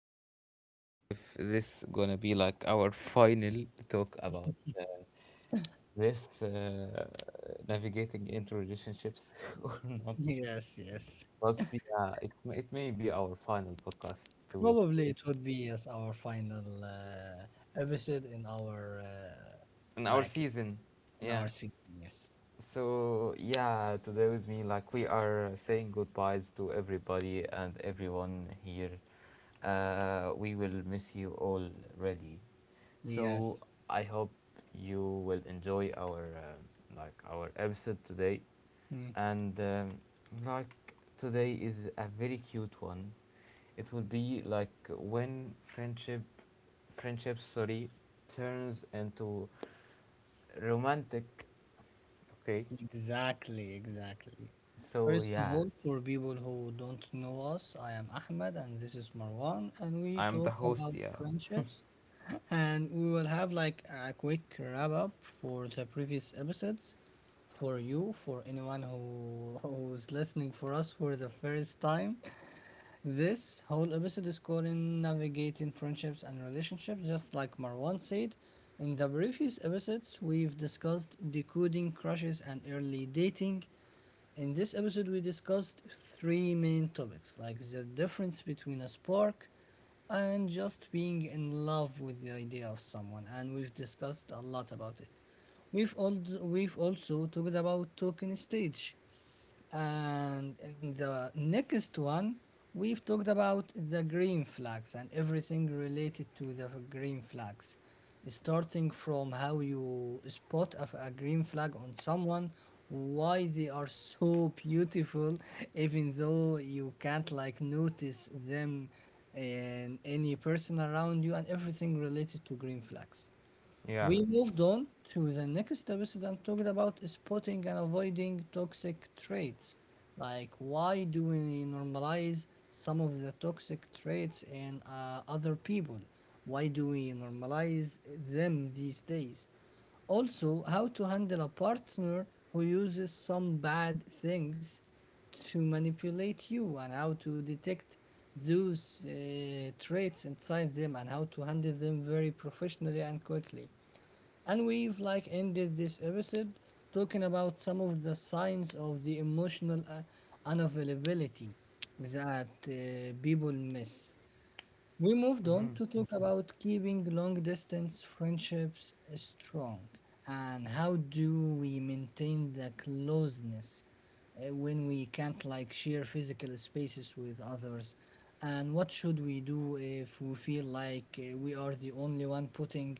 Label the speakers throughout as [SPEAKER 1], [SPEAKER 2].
[SPEAKER 1] I don't really know if this gonna be like our final talk about uh, this navigating into relationships or not,
[SPEAKER 2] Yes, yes.
[SPEAKER 1] but yeah, it may be our final podcast to
[SPEAKER 2] Probably it would be yes our final episode in our
[SPEAKER 1] and our
[SPEAKER 2] like
[SPEAKER 1] season. Yeah.
[SPEAKER 2] season. Yes,
[SPEAKER 1] So yeah, today with me, like we are saying goodbyes to everybody and everyone here. We will miss you already. So
[SPEAKER 2] yes.
[SPEAKER 1] I hope you will enjoy our like our episode today,
[SPEAKER 2] Mm.
[SPEAKER 1] and like today is a very cute one. It will be like when friendship, sorry, turns into romantic. Okay.
[SPEAKER 2] Exactly, exactly.
[SPEAKER 1] So
[SPEAKER 2] First of
[SPEAKER 1] yeah,
[SPEAKER 2] all, for people who don't know us, I am Ahmed and this is Marwan, and we
[SPEAKER 1] I'm the
[SPEAKER 2] talk
[SPEAKER 1] host,
[SPEAKER 2] about
[SPEAKER 1] yeah.
[SPEAKER 2] friendships. And we will have like a quick wrap up for the previous episodes for you, for anyone who who's listening for us for the first time. This whole episode is called Navigating Friendships and Relationships, just like Marwan said. In the previous episodes, we've discussed decoding crushes and early dating. In this episode, we discussed three main topics like the difference between a spark and just being in love with the idea of someone, and we've discussed a lot about it. We've also talked about token stage and in the next one, we've talked about the green flags and everything related to the green flags, starting from how you spot a green flag on someone, why they are so beautiful, even though you can't like notice them in any person around you, and everything related to green flags.
[SPEAKER 1] Yeah.
[SPEAKER 2] We moved on to the next episode and talked about spotting and avoiding toxic traits. Like, why do we normalize some of the toxic traits in other people? Why do we normalize them these days? Also, how to handle a partner who uses some bad things to manipulate you, and how to detect those traits inside them, and how to handle them very professionally and quickly. And we've like ended this episode talking about some of the signs of the emotional unavailability that people miss. We moved on
[SPEAKER 1] Mm-hmm.
[SPEAKER 2] to talk about keeping long distance friendships strong and how do we maintain the closeness when we can't like share physical spaces with others, and what should we do if we feel like we are the only one putting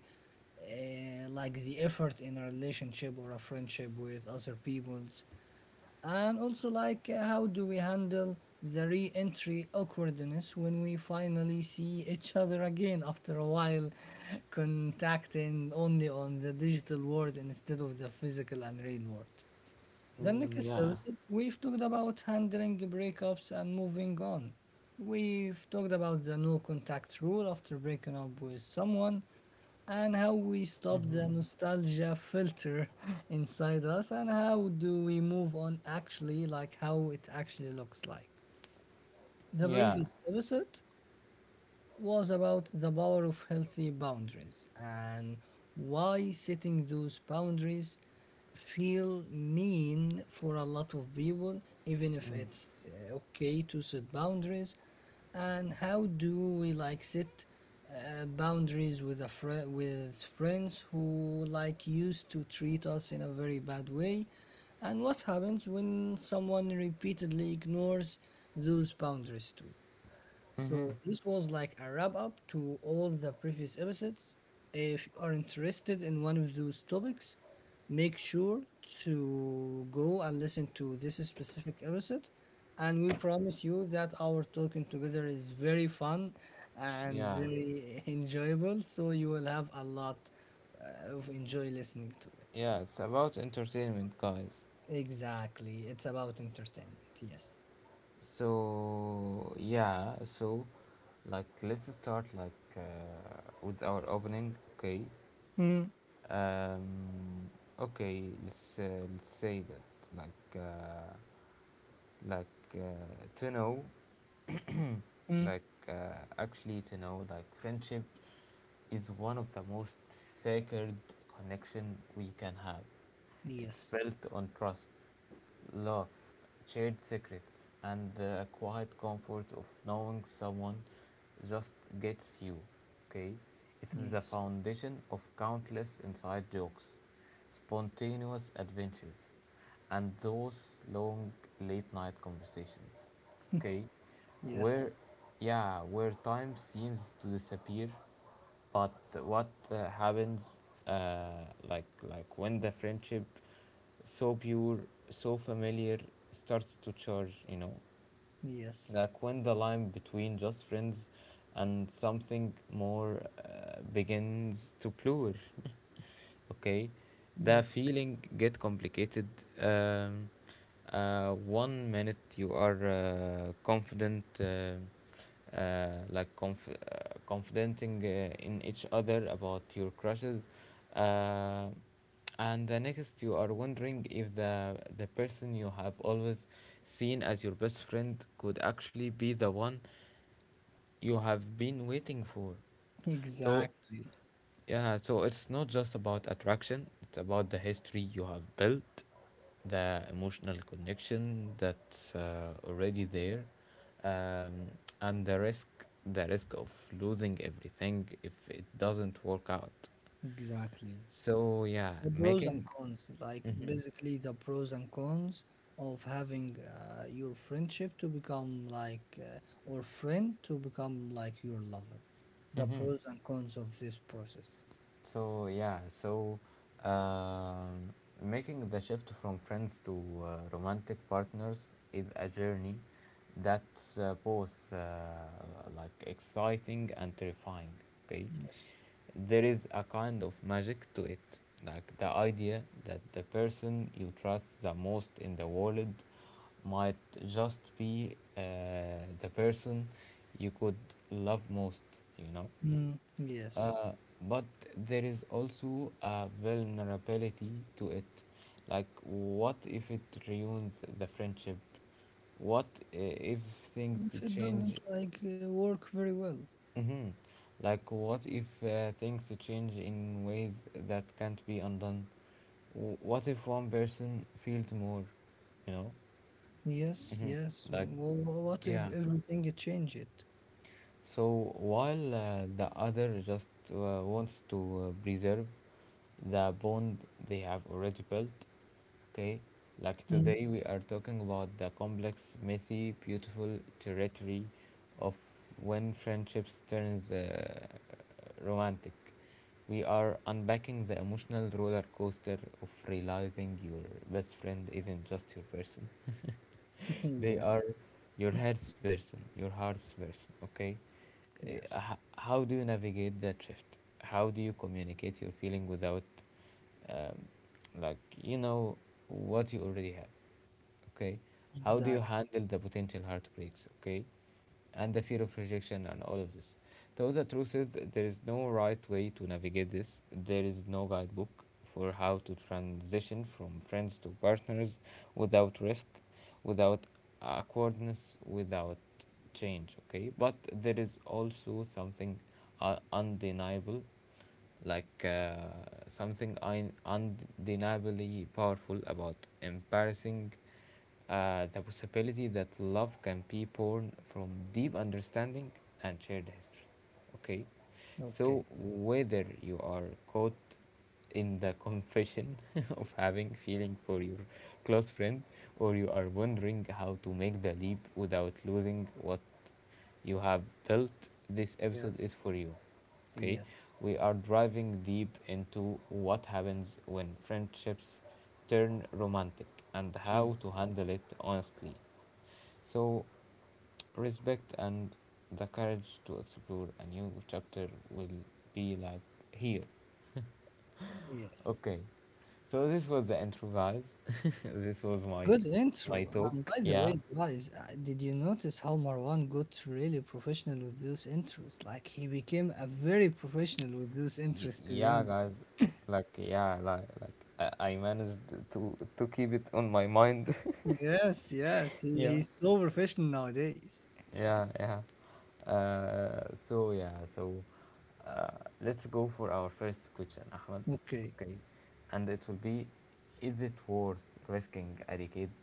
[SPEAKER 2] the effort in a relationship or a friendship with other people. And also, like, how do we handle the re entry awkwardness when we finally see each other again after a while, contacting only on the digital world instead of the physical and real world? The
[SPEAKER 1] Mm,
[SPEAKER 2] next
[SPEAKER 1] yeah.
[SPEAKER 2] episode, we've talked about handling breakups and moving on. We've talked about the no contact rule after breaking up with someone, and how we stop
[SPEAKER 1] Mm-hmm.
[SPEAKER 2] the nostalgia filter inside us, and how do we move on, actually, like how it actually looks like. The
[SPEAKER 1] Yeah.
[SPEAKER 2] previous episode was about the power of healthy boundaries and why setting those boundaries feel mean for a lot of people even if
[SPEAKER 1] Mm.
[SPEAKER 2] it's okay to set boundaries, and how do we like set boundaries with a fri with friends who like used to treat us in a very bad way, and what happens when someone repeatedly ignores those boundaries too.
[SPEAKER 1] Mm-hmm.
[SPEAKER 2] So this was like a wrap up to all the previous episodes. If you are interested in one of those topics, make sure to go and listen to this specific episode. And we promise you that our talking together is very fun and
[SPEAKER 1] Yeah.
[SPEAKER 2] very enjoyable. So you will have a lot of enjoy listening to it.
[SPEAKER 1] Yeah. It's about entertainment, guys.
[SPEAKER 2] Exactly. It's about entertainment. Yes.
[SPEAKER 1] So yeah, so like let's start like with our opening, okay? Um, okay, let's say that like uh, like uh, to know
[SPEAKER 2] Mm.
[SPEAKER 1] like uh, actually to know like friendship is one of the most sacred connection we can have. It's
[SPEAKER 2] Yes.
[SPEAKER 1] built on trust, love, shared secrets, and the quiet comfort of knowing someone just gets you. Okay. It's the
[SPEAKER 2] Yes.
[SPEAKER 1] foundation of countless inside jokes, spontaneous adventures, and those long late night conversations. Okay. Where,
[SPEAKER 2] Yes.
[SPEAKER 1] yeah, where time seems to disappear. But what happens like when the friendship, so pure, so familiar, starts to charge, you know,
[SPEAKER 2] Yes.
[SPEAKER 1] like when the line between just friends and something more begins to blur. Okay. the
[SPEAKER 2] Yes,
[SPEAKER 1] feeling get complicated. Um, One minute you are confident. Uh, like conf- uh, confident,ing in each other about your crushes uh, and the next you are wondering if the person you have always seen as your best friend could actually be the one you have been waiting for. So
[SPEAKER 2] exactly.
[SPEAKER 1] yeah, so it's not just about attraction, it's about the history you have built, the emotional connection that's already there, um, and the risk, the risk of losing everything if it doesn't work out.
[SPEAKER 2] Exactly.
[SPEAKER 1] So yeah,
[SPEAKER 2] The pros and
[SPEAKER 1] making
[SPEAKER 2] cons, like
[SPEAKER 1] Mhm.
[SPEAKER 2] basically the pros and cons of having your friendship to become like, or friend to become like your lover. The
[SPEAKER 1] Mhm.
[SPEAKER 2] pros and cons of this process.
[SPEAKER 1] So yeah, so um, making the shift from friends to romantic partners is a journey that's both like exciting and terrifying. Okay.
[SPEAKER 2] Yes.
[SPEAKER 1] There is a kind of magic to it, like the idea that the person you trust the most in the world might just be the person you could love most. You know.
[SPEAKER 2] Mm, yes.
[SPEAKER 1] Uh, but there is also a vulnerability to it. Like, what if it ruins the friendship? What if things
[SPEAKER 2] If it
[SPEAKER 1] change?
[SPEAKER 2] doesn't like work very well.
[SPEAKER 1] Mhm. Like, what if things change in ways that can't be undone? What if one person feels more, you know?
[SPEAKER 2] Yes,
[SPEAKER 1] Mhm.
[SPEAKER 2] yes.
[SPEAKER 1] Like,
[SPEAKER 2] Well, what if
[SPEAKER 1] yeah.
[SPEAKER 2] everything you change it?
[SPEAKER 1] So while the other just wants to preserve the bond they have already built. Okay, like
[SPEAKER 2] Mm.
[SPEAKER 1] today we are talking about the complex, messy, beautiful territory of when friendships turns romantic. We are unpacking the emotional roller coaster of realizing your best friend isn't just your person. They
[SPEAKER 2] Yes,
[SPEAKER 1] are your heart's person, okay?
[SPEAKER 2] yes.
[SPEAKER 1] How do you navigate that shift? How do you communicate your feeling without, um, like, you know, what you already have? Okay. How do you
[SPEAKER 2] Exactly.
[SPEAKER 1] handle the potential heartbreaks, okay, and the fear of rejection and all of this? So the truth is, there is no right way to navigate this. There is no guidebook for how to transition from friends to partners without risk, without awkwardness, without change. Okay. But there is also something undeniable, like uh, something undeniably powerful about embracing the possibility that love can be born from deep understanding and shared history. Okay.
[SPEAKER 2] Okay.
[SPEAKER 1] So whether you are caught in the confession of having feeling for your close friend, or you are wondering how to make the leap without losing what you have built, this episode is
[SPEAKER 2] Yes.
[SPEAKER 1] for you. Okay.
[SPEAKER 2] Yes,
[SPEAKER 1] We are driving deep into what happens when friendships turn romantic and how to
[SPEAKER 2] yes,
[SPEAKER 1] handle it honestly. So respect and the courage to explore a new chapter will be like here.
[SPEAKER 2] yes.
[SPEAKER 1] Okay. So this was the intro, guys. This was my
[SPEAKER 2] Good
[SPEAKER 1] my
[SPEAKER 2] intro. And
[SPEAKER 1] talk,
[SPEAKER 2] by the
[SPEAKER 1] yeah.
[SPEAKER 2] way, guys, did you notice how Marwan got really professional with those intros? Like he became a very professional with those
[SPEAKER 1] Y-
[SPEAKER 2] intros, to be
[SPEAKER 1] yeah,
[SPEAKER 2] honest.
[SPEAKER 1] guys, like, yeah, like I managed to keep it on my mind.
[SPEAKER 2] Yes, yes, he's so professional nowadays.
[SPEAKER 1] Yeah, yeah. So yeah, so let's go for our first question, Ahmed.
[SPEAKER 2] Okay,
[SPEAKER 1] Okay. And it will be, is it worth risking a decade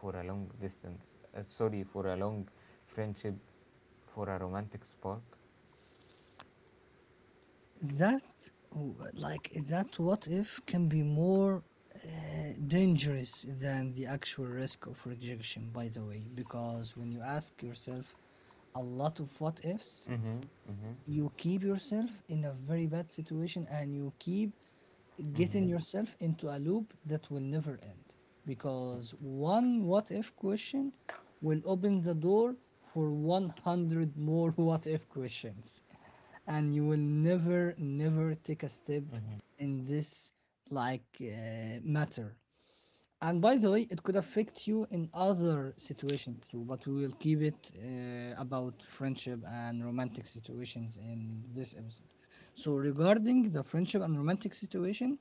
[SPEAKER 1] for a long uh, sorry for a long friendship for a romantic spark?
[SPEAKER 2] that w- like that what if can be more dangerous than the actual risk of rejection, by the way, because when you ask yourself a lot of what ifs,
[SPEAKER 1] Mm-hmm. Mm-hmm.
[SPEAKER 2] you keep yourself in a very bad situation and you keep getting
[SPEAKER 1] Mm-hmm.
[SPEAKER 2] yourself into a loop that will never end, because one what if question will open the door for 100 more what if questions, and you will never take a step in this like matter. And by the way, it could affect you in other situations too, but we will keep it about friendship and romantic situations in this episode. So, regarding the friendship and romantic situation,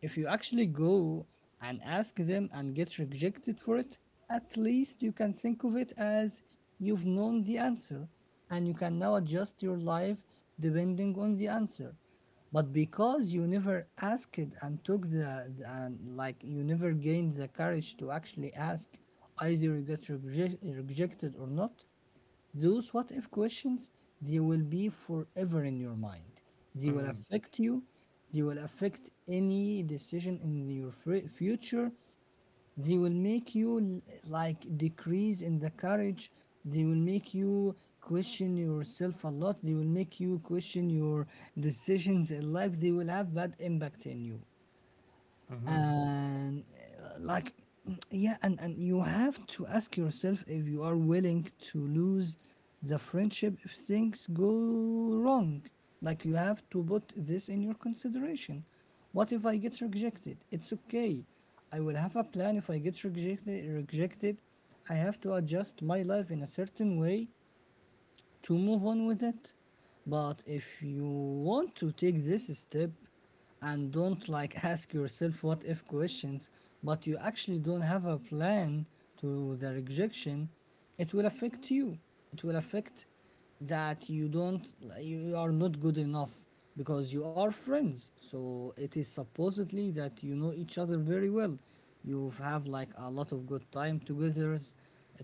[SPEAKER 2] if you actually go and ask them and get rejected for it, at least you can think of it as you've known the answer and you can now adjust your life depending on the answer. But because you never asked and took the and like you never gained the courage to actually ask, either you get rejected or not, those what if questions, they will be forever in your mind. They will
[SPEAKER 1] Mm-hmm.
[SPEAKER 2] affect you. They will affect any decision in your future. They will make you like decrease in the courage. They will make you question yourself a lot. They will make you question your decisions in life. They will have bad impact in you.
[SPEAKER 1] Mm-hmm.
[SPEAKER 2] And uh, like mm, yeah. And you have to ask yourself if you are willing to lose the friendship if things go wrong. Like you have to put this in your consideration. What if I get rejected? It's okay. I will have a plan if I get rejected. I have to adjust my life in a certain way to move on with it. But if you want to take this step and don't like ask yourself what if questions, but you actually don't have a plan to the rejection, it will affect you. It will affect that you are not good enough, because you are friends. So it is supposedly that you know each other very well. You have like a lot of good time together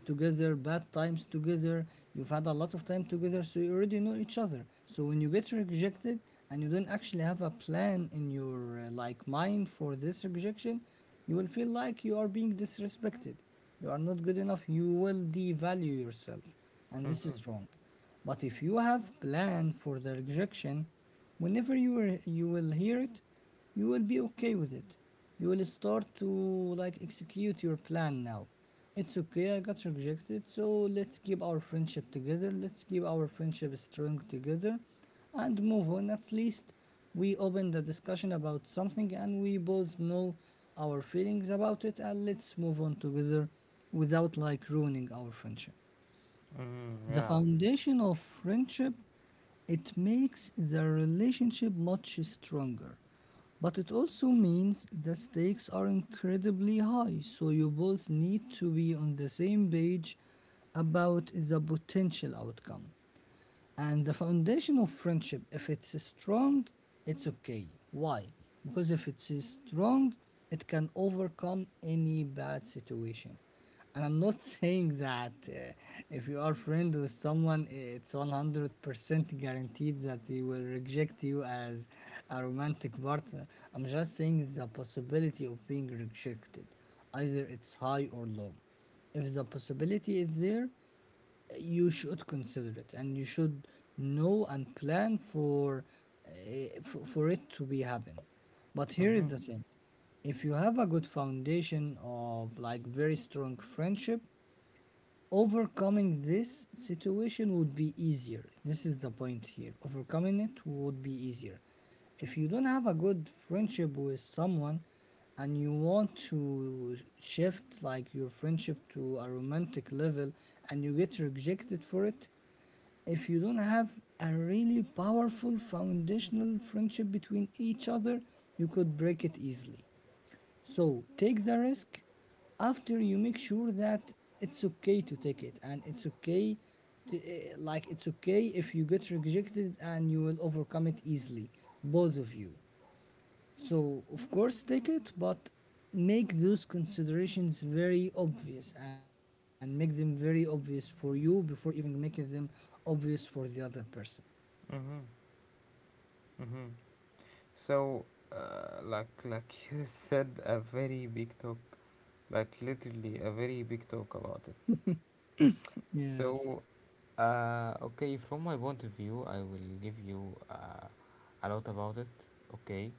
[SPEAKER 2] together, bad times together. You've had a lot of time together, so you already know each other. So when you get rejected and you don't actually have a plan in your mind for this rejection, you will feel like you are being disrespected. You are not good enough. You will devalue yourself, and this
[SPEAKER 1] Mm-hmm.
[SPEAKER 2] is wrong. But if you have plan for the rejection, whenever you are, you will hear it, you will be okay with it. You will start to like execute your plan now. It's okay, I got rejected, so let's keep our friendship together, let's keep our friendship strong together and move on. At least we opened the discussion about something and we both know our feelings about it, and let's move on together without like ruining our friendship, the
[SPEAKER 1] Yeah.
[SPEAKER 2] foundation of friendship. It makes the relationship much stronger, but it also means the stakes are incredibly high, so you both need to be on the same page about the potential outcome. And the foundation of friendship, if it's strong, it's okay. Why? Because if it's strong, it can overcome any bad situation. And I'm not saying that if you are friend with someone, it's 100% guaranteed that they will reject you as a romantic partner. I'm just saying the possibility of being rejected, either it's high or low. If the possibility is there, you should consider it and you should know and plan for it to be happen. But here is
[SPEAKER 1] Mm-hmm.
[SPEAKER 2] the thing, if you have a good foundation of like very strong friendship, overcoming this situation would be easier. This is the point here. Overcoming it would be easier. If you don't have a good friendship with someone and you want to shift like your friendship to a romantic level and you get rejected for it, if you don't have a really powerful foundational friendship between each other, you could break it easily. So take the risk after you make sure that it's okay to take it, and it's okay to, eh, like it's okay if you get rejected, and you will overcome it easily, both of you. So of course take it, but make those considerations very obvious, and make them very obvious for you before even making them obvious for the other person.
[SPEAKER 1] Mm-hmm. Mm-hmm. So, like you said, a very big talk, like literally a very big talk about it.
[SPEAKER 2] Yes.
[SPEAKER 1] So, okay, from my point of view, I will give you a lot about it. Okay.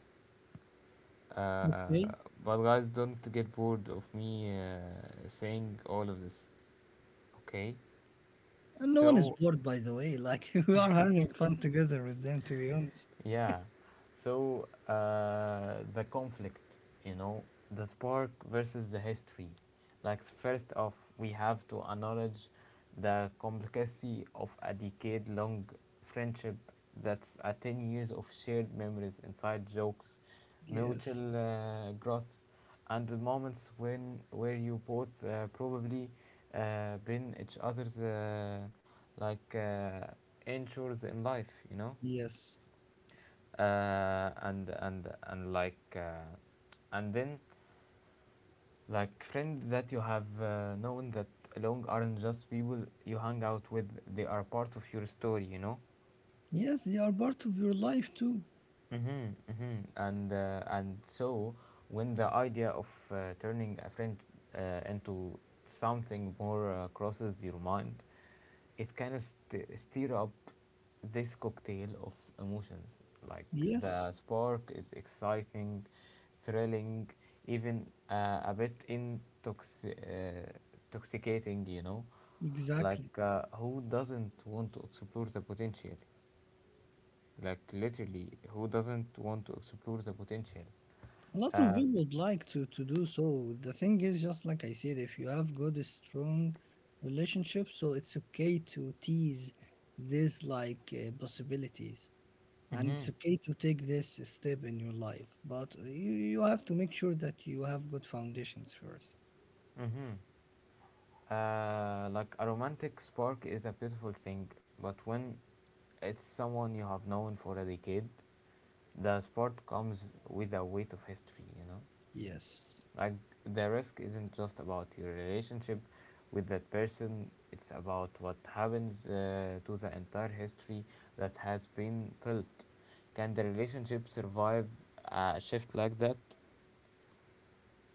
[SPEAKER 2] Okay,
[SPEAKER 1] uh, but guys, don't get bored of me saying all of this. Okay.
[SPEAKER 2] and no one is
[SPEAKER 1] So
[SPEAKER 2] bored, by the way, like we are having fun together with them, to be honest.
[SPEAKER 1] yeah. So the conflict, you know, the spark versus the history. Like, first off, we have to acknowledge the complexity of a decade-long friendship. That's a 10 years of shared memories, inside jokes,
[SPEAKER 2] Yes,
[SPEAKER 1] mutual growth, and the moments when where you both probably been each other's like uh, anchors in life. You know.
[SPEAKER 2] yes,
[SPEAKER 1] uh, and and and like uh, and then like friends that you have known that along aren't just people you hang out with. They are part of your story, you know.
[SPEAKER 2] yes, they are part of your life too.
[SPEAKER 1] Mm-hmm, mm-hmm. And so when the idea of turning a friend into something more crosses your mind, it kind of stir up this cocktail of emotions. Like,
[SPEAKER 2] Yes,
[SPEAKER 1] the spark is exciting, thrilling, even a bit intoxicating, you know.
[SPEAKER 2] exactly.
[SPEAKER 1] Like, who doesn't want to explore the potential? Like, literally, who doesn't want to explore the potential?
[SPEAKER 2] A lot of
[SPEAKER 1] Um,
[SPEAKER 2] people would like to do so. The thing is, just like I said, if you have good, strong relationships, so it's okay to tease these like possibilities, and it's
[SPEAKER 1] mm-hmm,
[SPEAKER 2] okay to take this step in your life. But you have to make sure that you have good foundations first.
[SPEAKER 1] mm-hmm. Like a romantic spark is a beautiful thing, but when it's someone you have known for a decade, the spark comes with a weight of history, you know?
[SPEAKER 2] Yes.
[SPEAKER 1] Like, the risk isn't just about your relationship with that person, it's about what happens to the entire history that has been built. Can the relationship survive a shift like that?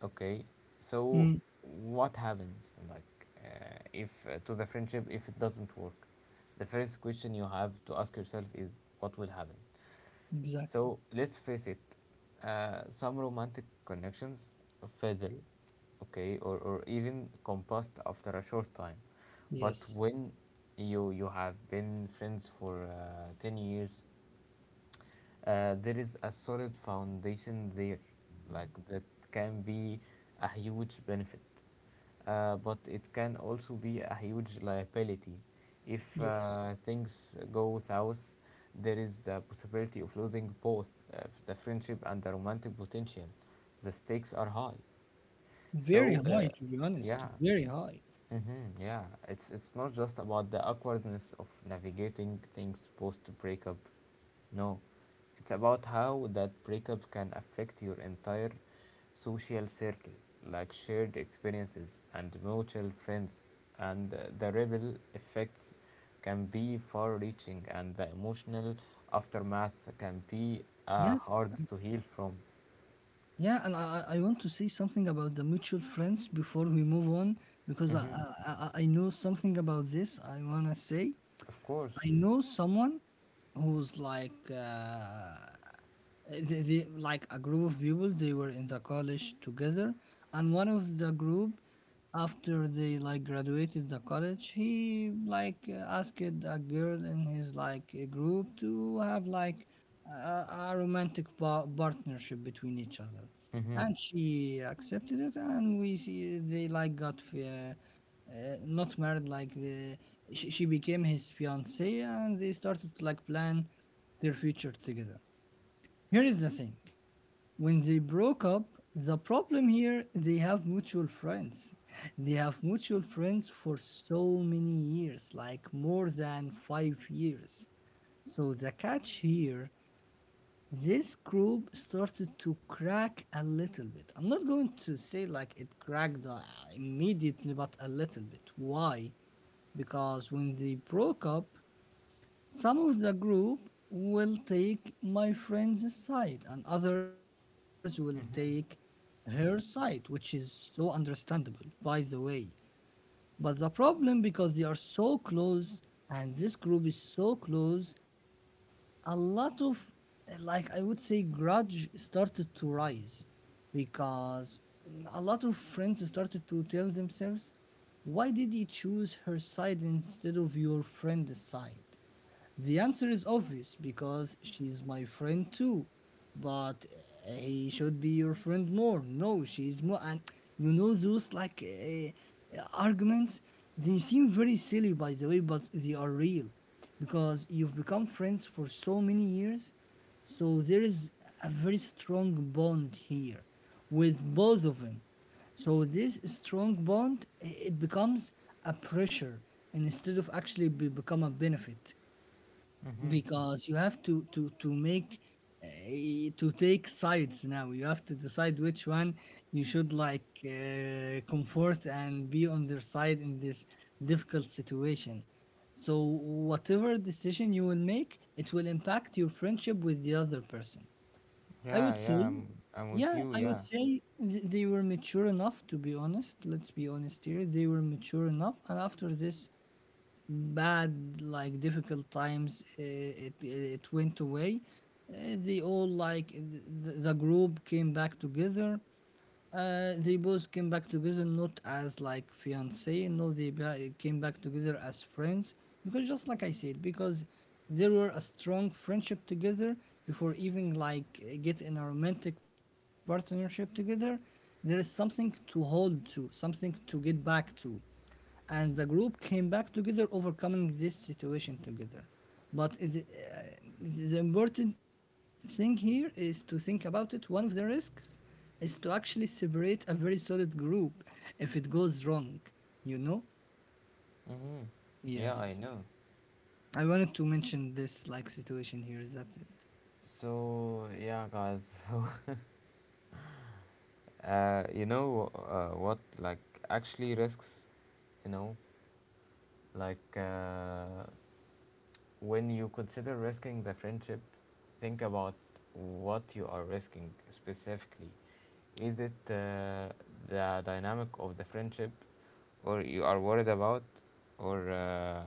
[SPEAKER 1] Okay. So
[SPEAKER 2] Mm,
[SPEAKER 1] what happens, like, if to the friendship if it doesn't work? The first question you have to ask yourself is what will happen.
[SPEAKER 2] exactly.
[SPEAKER 1] So let's face it, some romantic connections fizzle, okay, or even combust after a short time. But
[SPEAKER 2] Yes.
[SPEAKER 1] when you have been friends for 10 years, there is a solid foundation there, like that can be a huge benefit, but it can also be a huge liability. If
[SPEAKER 2] Yes.
[SPEAKER 1] things go south, there is the possibility of losing both uh, the friendship and the romantic potential. The stakes are high.
[SPEAKER 2] Very
[SPEAKER 1] So,
[SPEAKER 2] high, to be honest.
[SPEAKER 1] yeah,
[SPEAKER 2] Very high.
[SPEAKER 1] mm-hmm, yeah, it's not just about the awkwardness of navigating things post breakup. No, it's about how that breakup can affect your entire social circle, like shared experiences and mutual friends, and the ripple effects can be far-reaching, and the emotional aftermath can be
[SPEAKER 2] Yes,
[SPEAKER 1] hard to heal from.
[SPEAKER 2] yeah, and I want to say something about the mutual friends before we move on because I,
[SPEAKER 1] Mm-hmm.
[SPEAKER 2] I, I I know something about this. I wanna say
[SPEAKER 1] Of course.
[SPEAKER 2] I know someone who's like, they like a group of people. They were in the college together, and one of the group, after they like graduated the college, he like asked a girl in his like group to have like a romantic partnership between each other.
[SPEAKER 1] Mm-hmm.
[SPEAKER 2] And she accepted it, and we see they like got not married, like she became his fiancee, and they started to like plan their future together. Here is the thing. When they broke up, the problem here, they have mutual friends. They have mutual friends for so many years, like more than 5 years. So the catch here, this group started to crack a little bit. I'm not going to say like it cracked immediately, but a little bit. Why? Because when they broke up, some of the group will take my friend's side, and others will take her side, which is so understandable, by the way. But the problem, because they are so close, and this group is so close, a lot of, like I would say, grudge started to rise because a lot of friends started to tell themselves, why did you choose her side instead of your friend's side? The answer is obvious because she's my friend too. But he should be your friend more. No, she's more. And you know those like arguments? They seem very silly, by the way, but they are real because you've become friends for so many years. So there is a very strong bond here with both of them. So this strong bond eh, it becomes a pressure instead of actually be, become a benefit,
[SPEAKER 1] Mm-hmm.
[SPEAKER 2] because you have to make uh, to take sides. Now you have to decide which one you should like comfort and be on their side in this difficult situation. So whatever decision you will make, it will impact your friendship with the other person. I
[SPEAKER 1] Yeah,
[SPEAKER 2] would say.
[SPEAKER 1] yeah, I'm with
[SPEAKER 2] Yeah,
[SPEAKER 1] you,
[SPEAKER 2] I
[SPEAKER 1] yeah.
[SPEAKER 2] would say they were mature enough, to be honest. Let's be honest here, they were mature enough, and after this bad, like difficult times, it went away. They all like the group came back together. Uh, they both came back together, not as like fiance. No, they came back together as friends, because just like I said, because there were a strong friendship together before even like get in a romantic partnership together. There is something to hold to, something to get back to. And the group came back together overcoming this situation together. But the important thing here is to think about it. One of the risks is to actually separate a very solid group if it goes wrong, you know.
[SPEAKER 1] Mm-hmm. Yeah, I
[SPEAKER 2] Yes,
[SPEAKER 1] know.
[SPEAKER 2] I wanted to mention this like situation here. That's it.
[SPEAKER 1] So, yeah, guys. So, you know what? Like, actually, risks. You know, like, when you consider risking the friendship, think about what you are risking specifically. Is it the dynamic of the friendship, or you are worried about, or uh,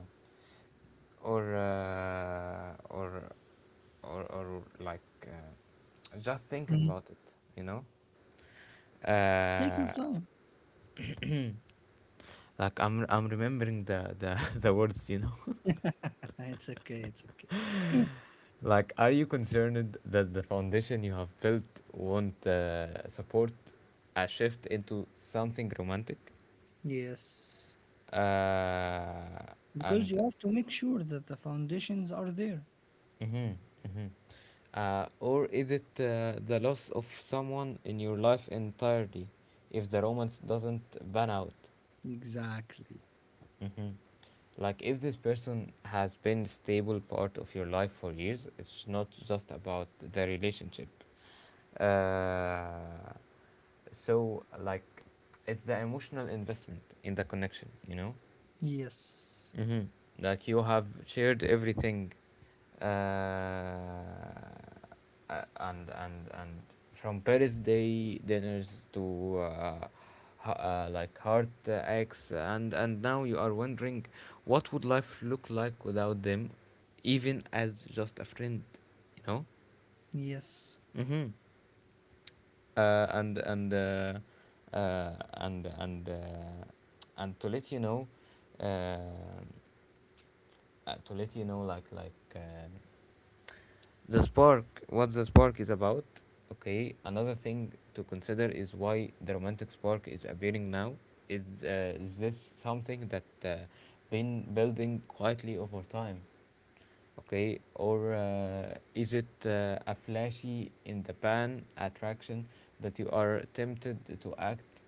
[SPEAKER 1] or uh, or or like just thinking
[SPEAKER 2] Mhm.
[SPEAKER 1] about it, you know.
[SPEAKER 2] Take your time.
[SPEAKER 1] Uh, like, I'm remembering the the words, you know.
[SPEAKER 2] It's okay, it's okay.
[SPEAKER 1] Like, are you concerned that the foundation you have built won't support a shift into something romantic?
[SPEAKER 2] Yes,
[SPEAKER 1] Uh,
[SPEAKER 2] because
[SPEAKER 1] and
[SPEAKER 2] you have to make sure that the foundations are there.
[SPEAKER 1] mm-hmm, mm-hmm. Or is it the loss of someone in your life entirely if the romance doesn't pan out?
[SPEAKER 2] Exactly.
[SPEAKER 1] Mm-hmm. Like, if this person has been stable part of your life for years, it's not just about the relationship. Uh, so, like, it's the emotional investment in the connection, you know?
[SPEAKER 2] Yes.
[SPEAKER 1] Hmm. Like, you have shared everything, uh, and from birthday dinners to like heart acts, and now you are wondering what would life look like without them, even as just a friend, you know.
[SPEAKER 2] Yes,
[SPEAKER 1] Mm-hmm. Uh, and and uh, uh, and and uh, and to let you know. um to let you know the spark, what the spark is about. Okay. Another thing to consider is why the romantic spark is appearing now. Is, is this something that been building quietly over time, okay, or is it a flashy in the pan attraction that you are tempted to act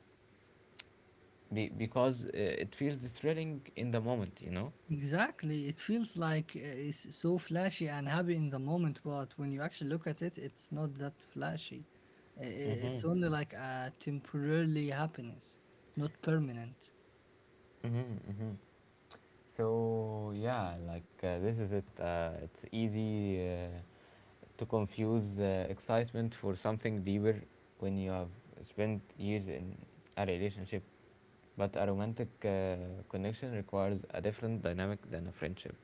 [SPEAKER 1] because it feels thrilling in the moment, you know.
[SPEAKER 2] exactly. It feels like it's so flashy and happy in the moment, but when you actually look at it, it's not that flashy.
[SPEAKER 1] Mm-hmm.
[SPEAKER 2] It's only like a temporarily happiness, not permanent.
[SPEAKER 1] Mm-hmm. Mm-hmm. So yeah, this is it. It's easy to confuse excitement for something deeper when you have spent years in a relationship. But a romantic connection requires a different dynamic than a friendship.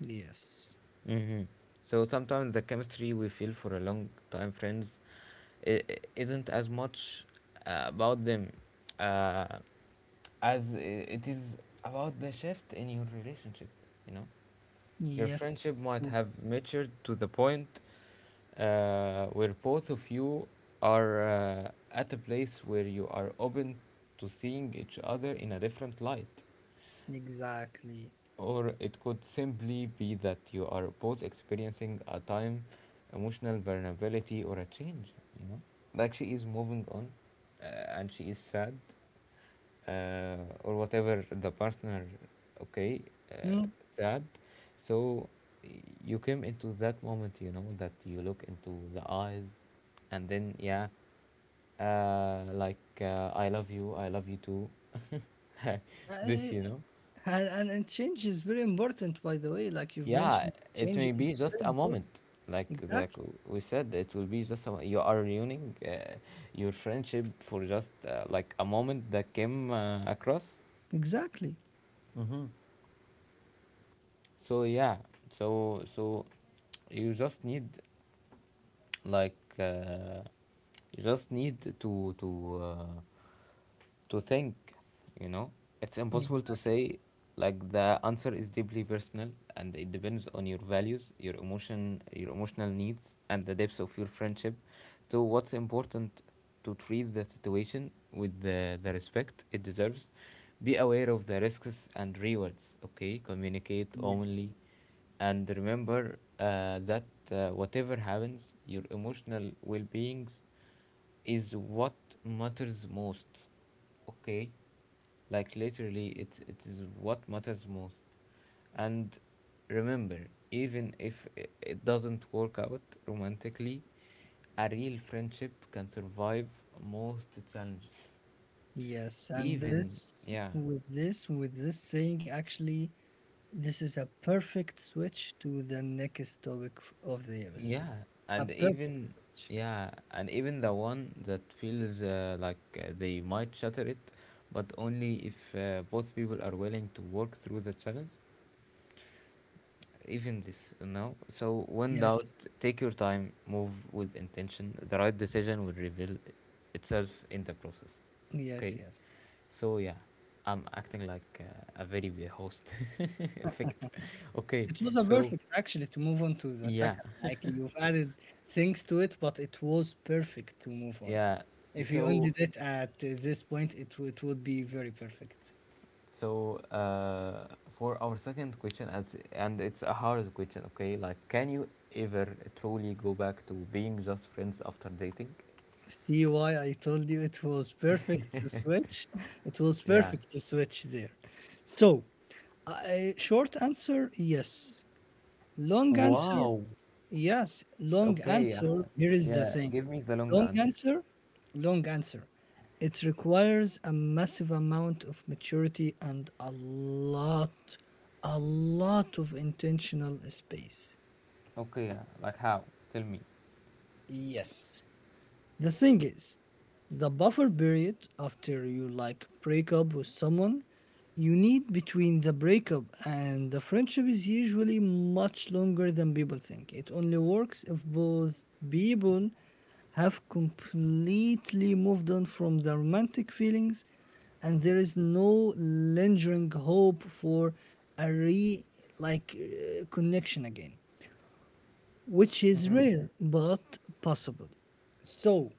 [SPEAKER 2] Yes,
[SPEAKER 1] Hmm. So sometimes the chemistry we feel for a long time friends isn't as much about them uh, as it is about the shift in your relationship. You know. Your
[SPEAKER 2] yes,
[SPEAKER 1] friendship might
[SPEAKER 2] true.
[SPEAKER 1] have matured to the point where both of you are at a place where you are open to seeing each other in a different light.
[SPEAKER 2] Exactly.
[SPEAKER 1] Or it could simply be that you are both experiencing a time, emotional vulnerability, or a change, you know? Like she is moving on, uh, and she is sad, uh, or whatever the partner. Okay. uh,
[SPEAKER 2] Mm.
[SPEAKER 1] Sad, so you came into that moment, you know, that you look into the eyes. And then yeah, like I love you, I love you too this
[SPEAKER 2] I-
[SPEAKER 1] you know
[SPEAKER 2] and change is very important, by the way. Like you've
[SPEAKER 1] Yeah,
[SPEAKER 2] mentioned,
[SPEAKER 1] it
[SPEAKER 2] change
[SPEAKER 1] may
[SPEAKER 2] is
[SPEAKER 1] be just
[SPEAKER 2] very
[SPEAKER 1] a
[SPEAKER 2] important.
[SPEAKER 1] moment, like
[SPEAKER 2] Exactly,
[SPEAKER 1] we said, it will be just a, you are ruining your friendship for just like a moment that came across.
[SPEAKER 2] exactly,
[SPEAKER 1] Mm-hmm. So yeah, so you just need like you just need to to think, you know. It's impossible to
[SPEAKER 2] exactly.
[SPEAKER 1] say, like, the answer is deeply personal, and it depends on your values, your emotion, your emotional needs, and the depths of your friendship. So what's important to treat the situation with the respect it deserves. Be aware of the risks and rewards. Okay, communicate
[SPEAKER 2] Yes.
[SPEAKER 1] openly, and remember that whatever happens, your emotional well-being is what matters most. Okay, like literally, it is what matters most. And remember, even if it doesn't work out romantically, a real friendship can survive most challenges.
[SPEAKER 2] Yes, and
[SPEAKER 1] Even. Yeah.
[SPEAKER 2] this saying actually, this is a perfect switch to the next topic of the episode.
[SPEAKER 1] Yeah,
[SPEAKER 2] A
[SPEAKER 1] and
[SPEAKER 2] perfect
[SPEAKER 1] even.
[SPEAKER 2] switch.
[SPEAKER 1] Yeah, and even the one that feels like they might shatter it, but only if both people are willing to work through the challenge. Even this, you know. So when doubt,
[SPEAKER 2] Yes,
[SPEAKER 1] take your time, move with intention. The right decision will reveal itself in the process.
[SPEAKER 2] yes,
[SPEAKER 1] Okay,
[SPEAKER 2] yes.
[SPEAKER 1] so yeah, I'm acting like a very big host effect. Okay,
[SPEAKER 2] It was a
[SPEAKER 1] so
[SPEAKER 2] perfect actually to move on to the
[SPEAKER 1] yeah.
[SPEAKER 2] second. Like you've added things to it, but it was perfect to move on.
[SPEAKER 1] Yeah.
[SPEAKER 2] If you
[SPEAKER 1] So
[SPEAKER 2] ended it at this point, it would be very perfect.
[SPEAKER 1] So for our second question, as and it's a hard question, okay? Like, can you ever truly go back to being just friends after dating?
[SPEAKER 2] See why I told you it was perfect to switch? It was
[SPEAKER 1] Yeah.
[SPEAKER 2] perfect to switch there. So, short answer, yes. Long answer,
[SPEAKER 1] Wow.
[SPEAKER 2] yes. Long
[SPEAKER 1] Okay, yeah.
[SPEAKER 2] answer, here is the
[SPEAKER 1] Yeah,
[SPEAKER 2] thing.
[SPEAKER 1] give me the long
[SPEAKER 2] Long
[SPEAKER 1] answer.
[SPEAKER 2] answer, long answer. It requires a massive amount of maturity and a lot of intentional space.
[SPEAKER 1] Okay, yeah. Like how? Tell me.
[SPEAKER 2] Yes. The thing is, the buffer period after you like break up with someone you need between the breakup and the friendship is usually much longer than people think. It only works if both people have completely moved on from the romantic feelings, and there is no lingering hope for a re like connection again, which is
[SPEAKER 1] Mm-hmm.
[SPEAKER 2] rare but possible. So,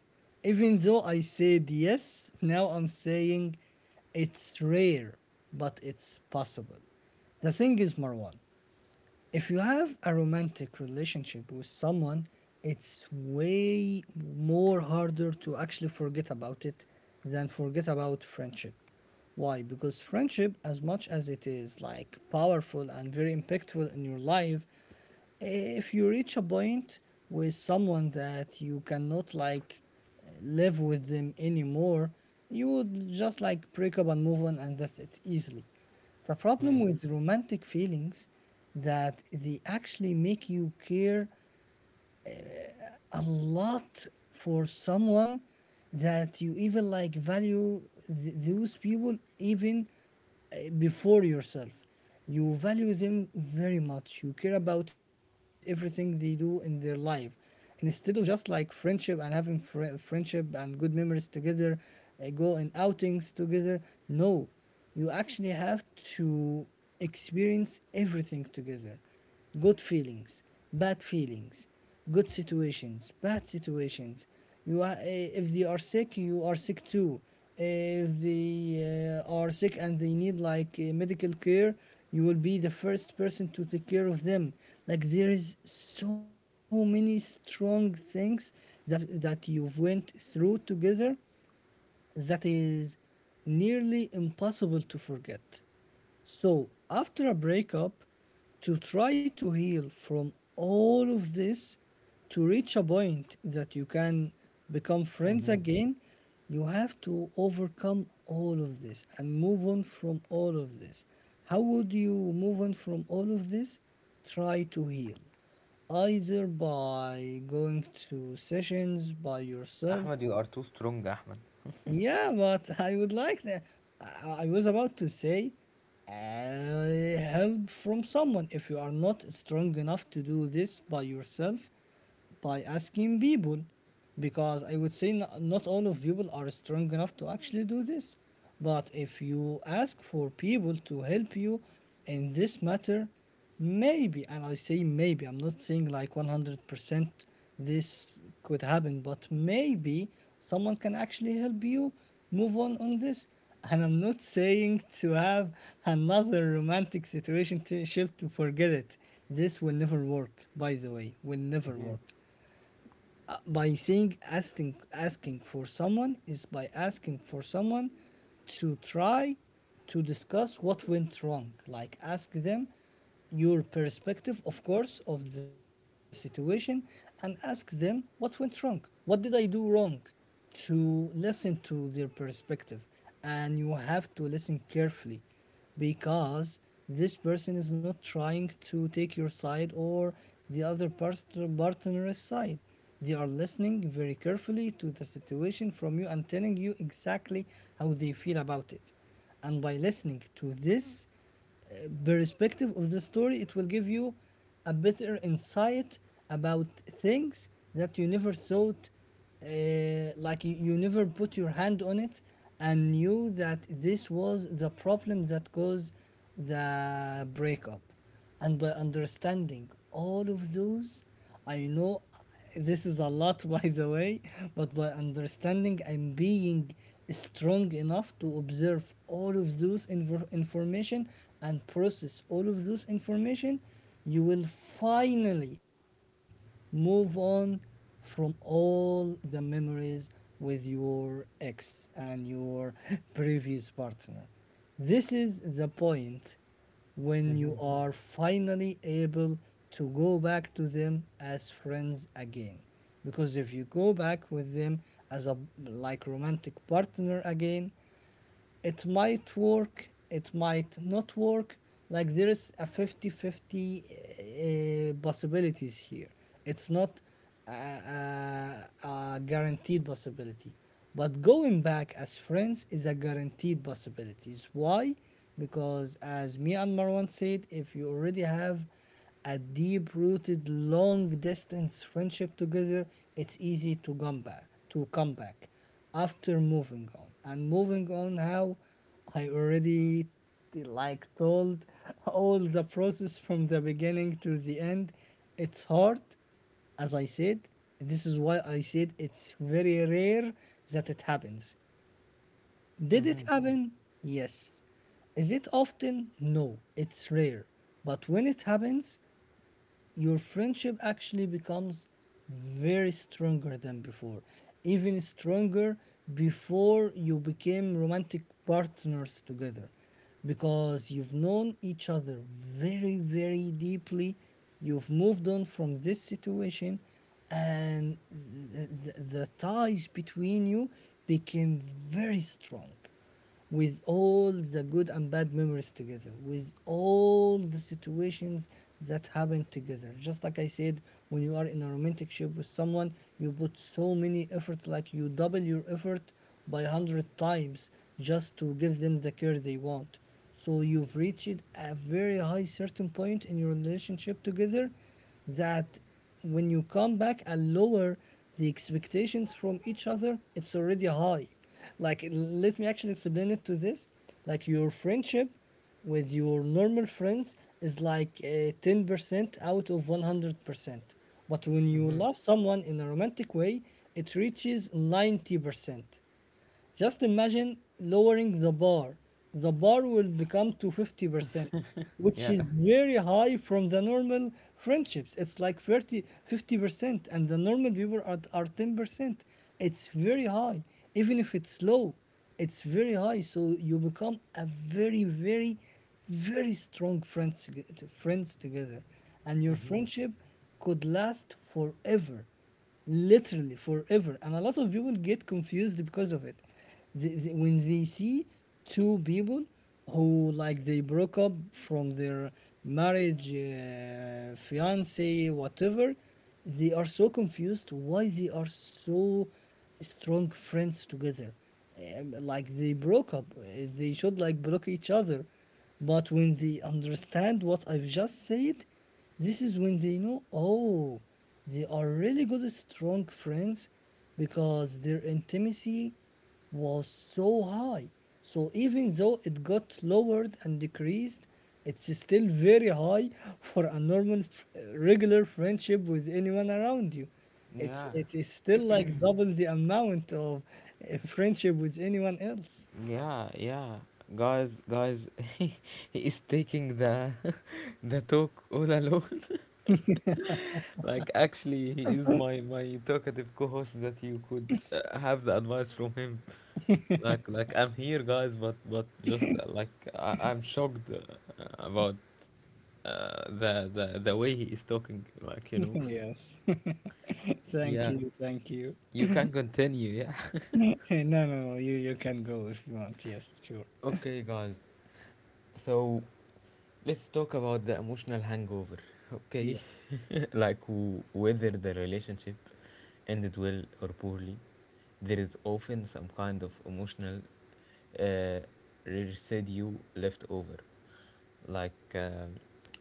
[SPEAKER 2] even though I said yes, now I'm saying it's rare, but it's possible. The thing is, Marwan, if you have a romantic relationship with someone, it's way more harder to actually forget about it than forget about friendship. Why? Because friendship, as much as it is like powerful and very impactful in your life, if you reach a point with someone that you cannot like live with them anymore, you would just like break up and move on, and that's it easily. The problem
[SPEAKER 1] Mm.
[SPEAKER 2] with romantic feelings, that they actually make you care a lot for someone, that you even like value those people, even before yourself. You value them very much. You care about everything they do in their life. Instead of just like friendship and having friendship and good memories together, go in outings together, no, you actually have to experience everything together, good feelings, bad feelings, good situations, bad situations. You are, if they are sick, you are sick too. If they are sick and they need like medical care, you will be the first person to take care of them. Like there is so many strong things that that you've went through together that is nearly impossible to forget. So, after a breakup, to try to heal from all of this, to reach a point that you can become friends
[SPEAKER 1] Mm-hmm.
[SPEAKER 2] again, you have to overcome all of this and move on from all of this. How would you move on from all of this? Try to heal. Either by going to sessions by yourself.
[SPEAKER 1] Ahmed, you are too strong, Ahmed.
[SPEAKER 2] Yeah, but I would like that. I was about to say help from someone. If you are not strong enough to do this by yourself, by asking people, because I would say not, not all of people are strong enough to actually do this. But if you ask for people to help you in this matter. Maybe, and I say maybe, I'm not saying like 100% this could happen, but maybe someone can actually help you move on this. And I'm not saying to have another romantic situation to ship to forget it. This will never work, by the way, will never
[SPEAKER 1] Mm-hmm.
[SPEAKER 2] work by saying asking for someone is by asking for someone to try to discuss what went wrong, like ask them your perspective of course of the situation, and ask them what went wrong, what did I do wrong, to listen to their perspective. And you have to listen carefully because this person is not trying to take your side or the other partner's side. They are listening very carefully to the situation from you and telling you exactly how they feel about it. And by listening to this, uh, perspective of the story, it will give you a better insight about things that you never thought, uh, like you never put your hand on it and knew that this was the problem that caused the breakup. And by understanding all of those, I know this is a lot by the way, but by understanding and being strong enough to observe all of those information and process all of those information, you will finally move on from all the memories with your ex and your previous partner. This is the point when you are finally able to go back to them as friends again. Because if you go back with them as a like romantic partner again, it might work, it might not work. Like there is a fifty-fifty 50 possibilities here. It's not a, a, a guaranteed possibility. But going back as friends is a guaranteed possibility. Why? Because as me and Marwan said, if you already have a deep rooted long distance friendship together, it's easy to come back after moving on. And moving on how? I already like told all the process from the beginning to the end. It's hard, as I said. This is why I said it's very rare that it happens. Did
[SPEAKER 1] Mm-hmm.
[SPEAKER 2] it happen? Yes. Is it often? No, it's rare. But when it happens, your friendship actually becomes very stronger than before, even stronger before you became romantic partners together, because you've known each other very, very deeply. You've moved on from this situation, and the ties between you became very strong, with all the good and bad memories together, with all the situations that happen together. Just like I said, when you are in a romantic ship with someone, you put so many effort, like you double your effort by 100 times just to give them the care they want. So you've reached a very high certain point in your relationship together that when you come back and lower the expectations from each other, it's already high. Like, let me actually explain it to this. Like, your friendship with your normal friends is like 10% out of 100%. But when you
[SPEAKER 1] Mm-hmm.
[SPEAKER 2] love someone in a romantic way, it reaches 90%. Just imagine lowering the bar. The bar will become to 50%, which
[SPEAKER 1] Yeah.
[SPEAKER 2] is very high from the normal friendships. It's like thirty, 50%, and the normal people are 10%. It's very high. Even if it's low, it's very high. So you become a very, very, very strong friends, friends together. And your
[SPEAKER 1] Mm-hmm.
[SPEAKER 2] friendship could last forever, literally forever, and a lot of people get confused because of it. When they see two people who, like, they broke up from their marriage, fiance, whatever, they are so confused why they are so strong friends together. Like they broke up, they should like block each other, but when they understand what I've just said, this is when they know, oh, they are really good, strong friends, because their intimacy was so high. So even though it got lowered and decreased, it's still very high for a normal, regular friendship with anyone around you. It's,
[SPEAKER 1] Yeah.
[SPEAKER 2] it is still like double the amount of friendship with anyone else.
[SPEAKER 1] Yeah, yeah. Guys, guys, he is taking the the talk all alone. Like actually, he is my talkative co-host that you could have the advice from him. Like I'm here, guys, but just like I'm shocked about the way he is talking.
[SPEAKER 2] Yes. Thank
[SPEAKER 1] Yeah.
[SPEAKER 2] you. Thank you.
[SPEAKER 1] You can continue, yeah.
[SPEAKER 2] No, no, no. You can go if you want. Yes, sure.
[SPEAKER 1] Okay, guys. So let's talk about the emotional hangover, okay?
[SPEAKER 2] Yes.
[SPEAKER 1] Like whether the relationship ended well or poorly, there is often some kind of emotional uh, residue left over. Like,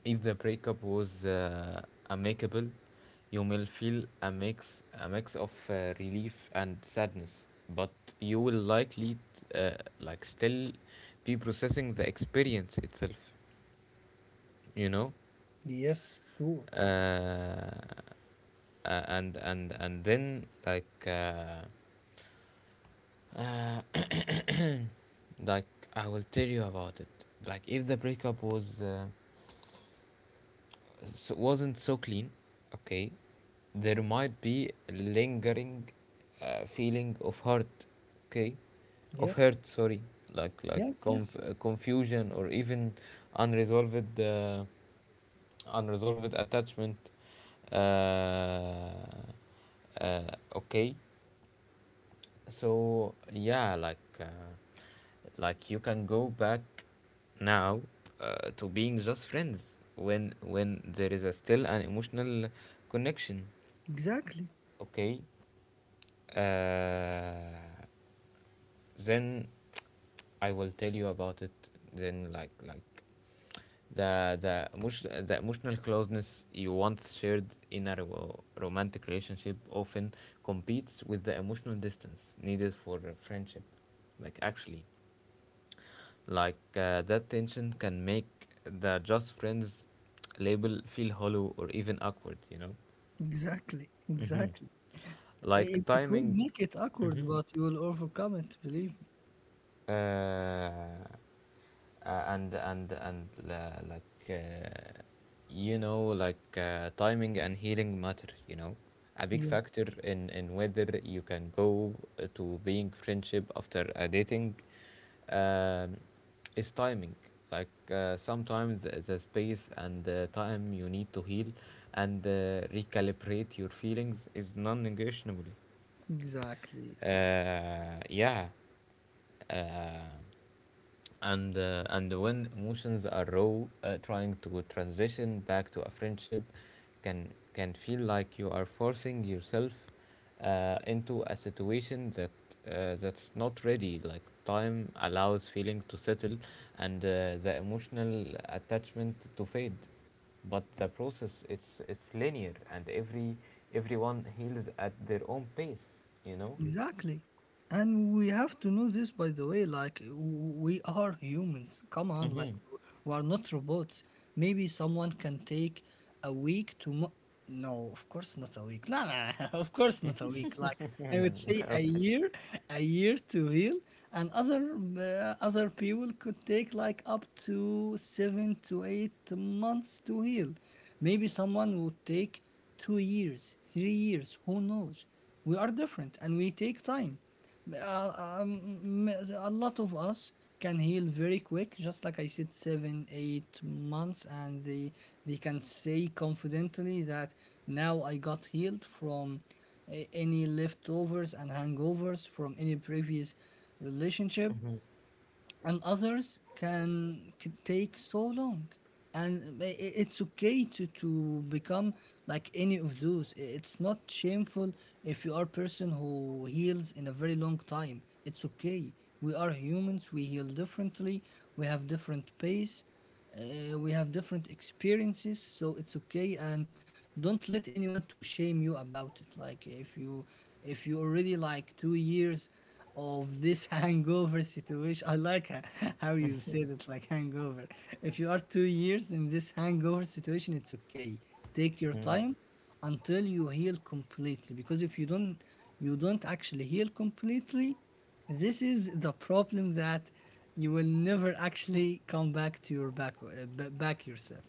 [SPEAKER 1] if the breakup was amicable, you will feel a mix of relief and sadness, but you will likely, t- uh, like, still be processing the experience itself. You know.
[SPEAKER 2] Yes, true.
[SPEAKER 1] Uh, and then like uh, like I will tell you about it. Like if the breakup was so wasn't so clean, okay, there might be a lingering feeling of hurt, okay, of
[SPEAKER 2] Yes.
[SPEAKER 1] hurt. Sorry, like
[SPEAKER 2] Yes, yes.
[SPEAKER 1] confusion or even unresolved uh, unresolved attachment. Uh, uh, okay, so yeah, like you can go back now to being just friends when there is a still an emotional connection.
[SPEAKER 2] Exactly,
[SPEAKER 1] Okay. Uh, then I will tell you about it. Then like the emotional closeness you once shared in a romantic relationship often competes with the emotional distance needed for a friendship. Like actually, like that tension can make the just friends label feel hollow or even awkward, you know.
[SPEAKER 2] exactly,
[SPEAKER 1] Hmm,
[SPEAKER 2] exactly.
[SPEAKER 1] like
[SPEAKER 2] It would
[SPEAKER 1] timing.
[SPEAKER 2] make it awkward,
[SPEAKER 1] Hmm.
[SPEAKER 2] but you will overcome it, believe me.
[SPEAKER 1] Uh, uh, and and and like like timing and healing matter, a big
[SPEAKER 2] Yes,
[SPEAKER 1] factor in whether you can go to being friendship after a dating, um is timing. Like sometimes the space and the time you need to heal and recalibrate your feelings is non-negotiable.
[SPEAKER 2] exactly.
[SPEAKER 1] Yeah. Uh, and and when emotions are raw, trying to transition back to a friendship can feel like you are forcing yourself into a situation that's not ready. Like time allows feeling to settle, and the emotional attachment to fade. But the process it's linear, and everyone heals at their own pace. You know.
[SPEAKER 2] Exactly. And we have to know this, by the way, like we are humans. Come on, like
[SPEAKER 1] Mm-hmm.
[SPEAKER 2] we are not robots. Maybe someone can take a week to. No, of course not a week. No, no, of course not a week. Like I would say a year to heal, and other other people could take like up to 7 to 8 months to heal. Maybe someone would take 2 years, 3 years. Who knows? We are different and we take time. Uh, um, a lot of us can heal very quick, just like I said, seven, 8 months, and they can say confidently that now I got healed from any leftovers and hangovers from any previous relationship,
[SPEAKER 1] Mm-hmm.
[SPEAKER 2] and others can could take so long, and it's okay to become like any of those. It's not shameful if you are a person who heals in a very long time. It's okay, we are humans, we heal differently, we have different pace, we have different experiences, so it's okay. And don't let anyone to shame you about it. Like if you, if you already like 2 years of this hangover situation, I like how you said it, like hangover. If you are 2 years in this hangover situation, it's okay. Take your
[SPEAKER 1] Mm-hmm.
[SPEAKER 2] time until you heal completely, because if you don't, you don't actually heal completely. This is the problem, that you will never actually come back to your back, back yourself,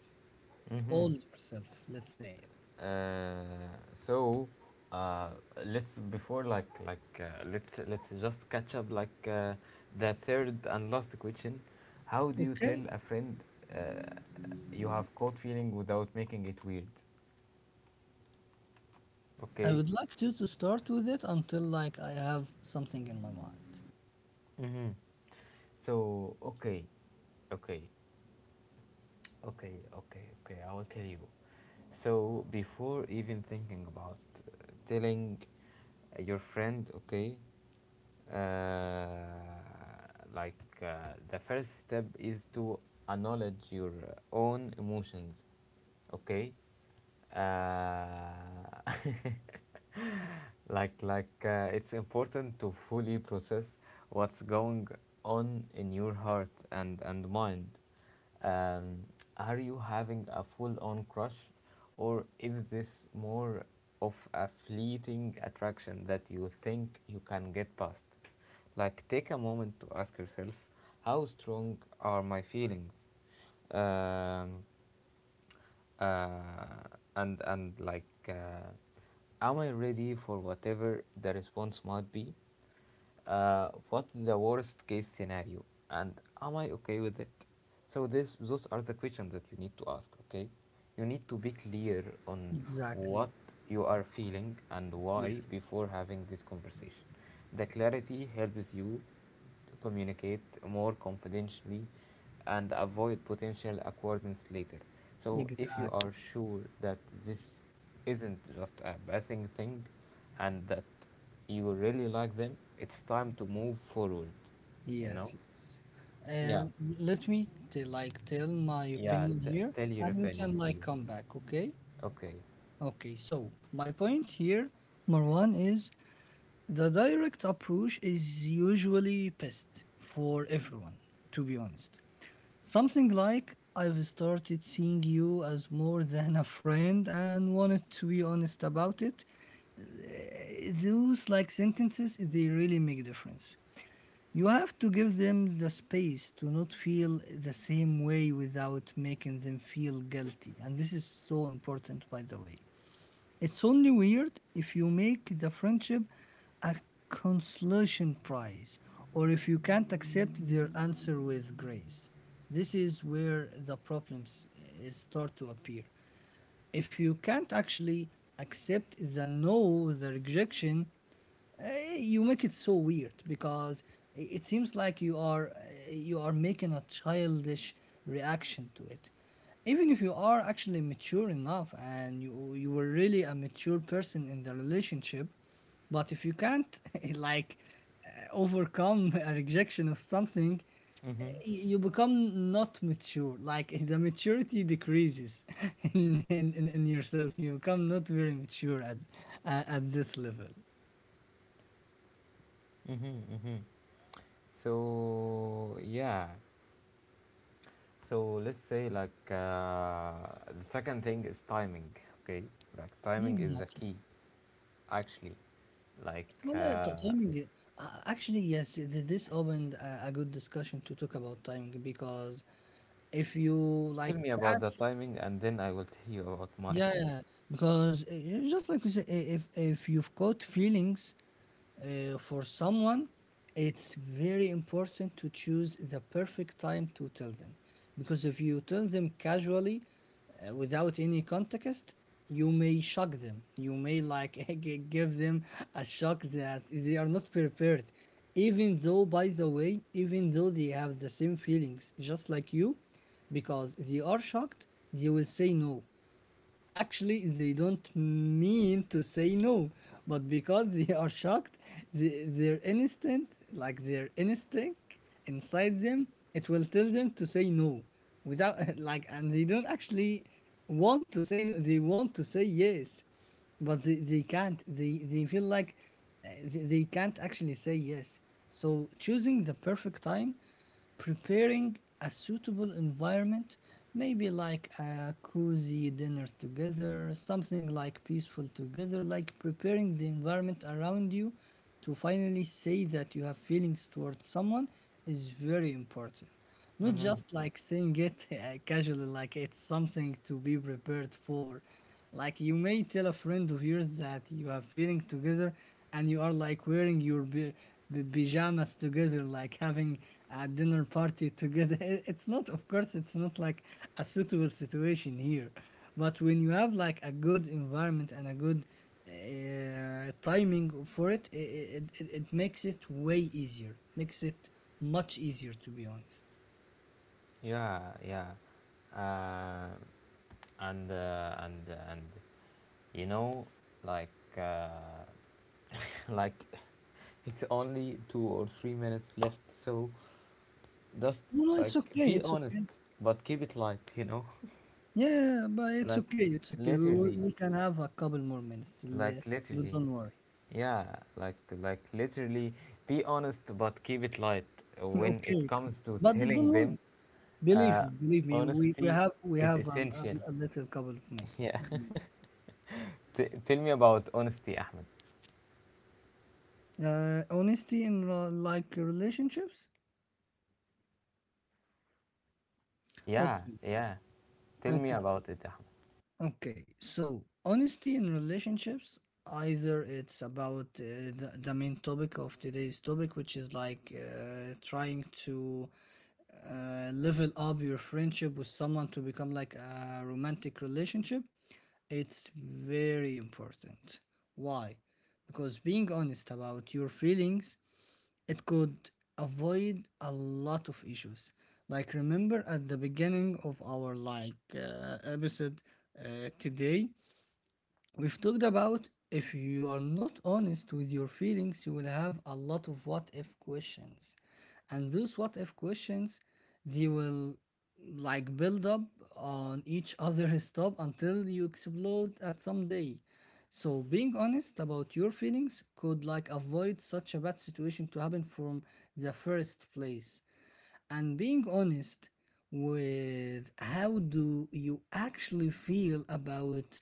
[SPEAKER 1] Mm-hmm.
[SPEAKER 2] old yourself, let's say it.
[SPEAKER 1] Uh, so, uh, let's, before like let's just catch up, like the third and last question. How do you
[SPEAKER 2] Okay.
[SPEAKER 1] tell a friend uh, you have cold feeling without making it weird?
[SPEAKER 2] I
[SPEAKER 1] Okay.
[SPEAKER 2] would like to start with it until like I have something in my mind.
[SPEAKER 1] Mm-hmm. So okay, okay. Okay, okay, okay. I will tell you. So before even thinking about telling your friend, okay, uh, like the first step is to acknowledge your own emotions, okay. uh, like it's important to fully process what's going on in your heart and mind. um, are you having a full-on crush, or is this more of a fleeting attraction that you think you can get past? Like take a moment to ask yourself, how strong are my feelings? um, uh, and like am I ready for whatever the response might be? What's the worst case scenario, and am I okay with it? So this those are the questions that you need to ask, okay. You need to be clear on
[SPEAKER 2] Exactly.
[SPEAKER 1] what you are feeling and why
[SPEAKER 2] Yes.
[SPEAKER 1] before having this conversation. The clarity helps you to communicate more confidentially and avoid potential acquaintance later. So, if you
[SPEAKER 2] Exactly.
[SPEAKER 1] are sure that this isn't just a passing thing and that you really like them, it's time to move forward, you know?
[SPEAKER 2] Yes. Yes.
[SPEAKER 1] Yeah,
[SPEAKER 2] Um, let me like tell my
[SPEAKER 1] yeah,
[SPEAKER 2] opinion
[SPEAKER 1] t-
[SPEAKER 2] here,
[SPEAKER 1] tell your
[SPEAKER 2] and you can
[SPEAKER 1] opinion,
[SPEAKER 2] like
[SPEAKER 1] please.
[SPEAKER 2] come back. Okay.
[SPEAKER 1] Okay.
[SPEAKER 2] Okay. So my point here, Marwan, is the direct approach is usually best for everyone, to be honest. Something like, I've started seeing you as more than a friend and wanted to be honest about it. Those like sentences, they really make a difference. You have to give them the space to not feel the same way without making them feel guilty. And this is so important, by the way. It's only weird if you make the friendship a consolation prize, or if you can't accept their answer with grace. This is where the problems start to appear. If you can't actually accept the no, the rejection, uh, you make it so weird because it seems like you are making a childish reaction to it, even if you are actually mature enough and you were really a mature person in the relationship. But if you can't, like, overcome a rejection of something,
[SPEAKER 1] Mm-hmm.
[SPEAKER 2] you become not mature, like the maturity decreases in yourself, you become not very mature at this level.
[SPEAKER 1] Mm-hmm. Mm-hmm. So yeah, so let's say, like the second thing is timing. Okay, like timing is the
[SPEAKER 2] Exactly.
[SPEAKER 1] key actually. Like
[SPEAKER 2] Well, timing. Actually, yes, this opened a, good discussion to talk about timing. Because if you, like,
[SPEAKER 1] tell me about the
[SPEAKER 2] catch,
[SPEAKER 1] timing, and then I will tell you about mine.
[SPEAKER 2] yeah, yeah, because just like we say, if you've got feelings for someone, it's very important to choose the perfect time to tell them, because if you tell them casually, without any context, you may shock them. You may like give them a shock that they are not prepared, even though, by the way, even though they have the same feelings, just like you, because they are shocked, they will say no. Actually, they don't mean to say no, but because they are shocked, their instinct, like their instinct inside them, it will tell them to say no without like, and they don't actually want to say no, they want to say yes, but they can't, they feel like they can't actually say yes. So choosing the perfect time, preparing a suitable environment, maybe like a cozy dinner together, something like peaceful together, like preparing the environment around you to finally say that you have feelings towards someone, is very important. Not
[SPEAKER 1] Hmm.
[SPEAKER 2] just like saying it casually, like it's something to be prepared for. Like you may tell a friend of yours that you are feeling together and you are like wearing your pajamas together, like having a dinner party together. It's not, of course, it's not like a suitable situation here. But when you have like a good environment and a good timing for it, it it makes it way easier. Makes it much easier, to be honest.
[SPEAKER 1] Yeah, yeah. Uh, and and you know, like uh, like it's only 2 or 3 minutes left. So just,
[SPEAKER 2] No, no,
[SPEAKER 1] like,
[SPEAKER 2] it's okay,
[SPEAKER 1] be
[SPEAKER 2] it's
[SPEAKER 1] honest,
[SPEAKER 2] okay.
[SPEAKER 1] but keep it light. You know.
[SPEAKER 2] Yeah, but it's
[SPEAKER 1] like
[SPEAKER 2] okay, it's okay. We we
[SPEAKER 1] literally
[SPEAKER 2] we can have a couple more minutes.
[SPEAKER 1] like literally,
[SPEAKER 2] Don't worry.
[SPEAKER 1] yeah, like literally, be honest but keep it light
[SPEAKER 2] Okay,
[SPEAKER 1] when it
[SPEAKER 2] okay.
[SPEAKER 1] comes to
[SPEAKER 2] But
[SPEAKER 1] telling
[SPEAKER 2] don't worry.
[SPEAKER 1] them.
[SPEAKER 2] Believe
[SPEAKER 1] uh,
[SPEAKER 2] me, believe me. We we
[SPEAKER 1] Honesty
[SPEAKER 2] have we
[SPEAKER 1] is
[SPEAKER 2] have a, a,
[SPEAKER 1] essential.
[SPEAKER 2] a little couple of minutes.
[SPEAKER 1] Yeah. Tell me about honesty, Ahmed.
[SPEAKER 2] Honesty in like relationships.
[SPEAKER 1] Yeah,
[SPEAKER 2] Okay,
[SPEAKER 1] yeah, tell me
[SPEAKER 2] okay.
[SPEAKER 1] about it,
[SPEAKER 2] Okay, so honesty in relationships, either it's about the main topic of today's topic, which is like trying to level up your friendship with someone to become like a romantic relationship. It's very important. Why? Because being honest about your feelings, it could avoid a lot of issues. Like remember at the beginning of our like episode today, we've talked about if you are not honest with your feelings, you will have a lot of what if questions. And those what if questions, they will like build up on each other's top until you explode at some day. So being honest about your feelings could like avoid such a bad situation to happen from the first place. And being honest with how do you actually feel about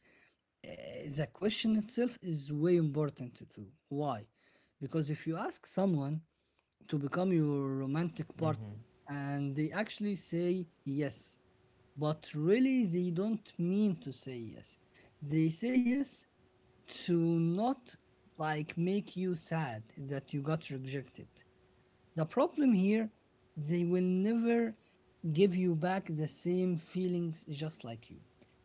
[SPEAKER 2] the question itself is way important too. Why? Because if you ask someone to become your romantic
[SPEAKER 1] Ahmed.
[SPEAKER 2] partner
[SPEAKER 1] Mm-hmm.
[SPEAKER 2] and they actually say yes, but really they don't mean to say yes. They say yes to not like make you sad that you got rejected. The problem here, they will never give you back the same feelings just like you.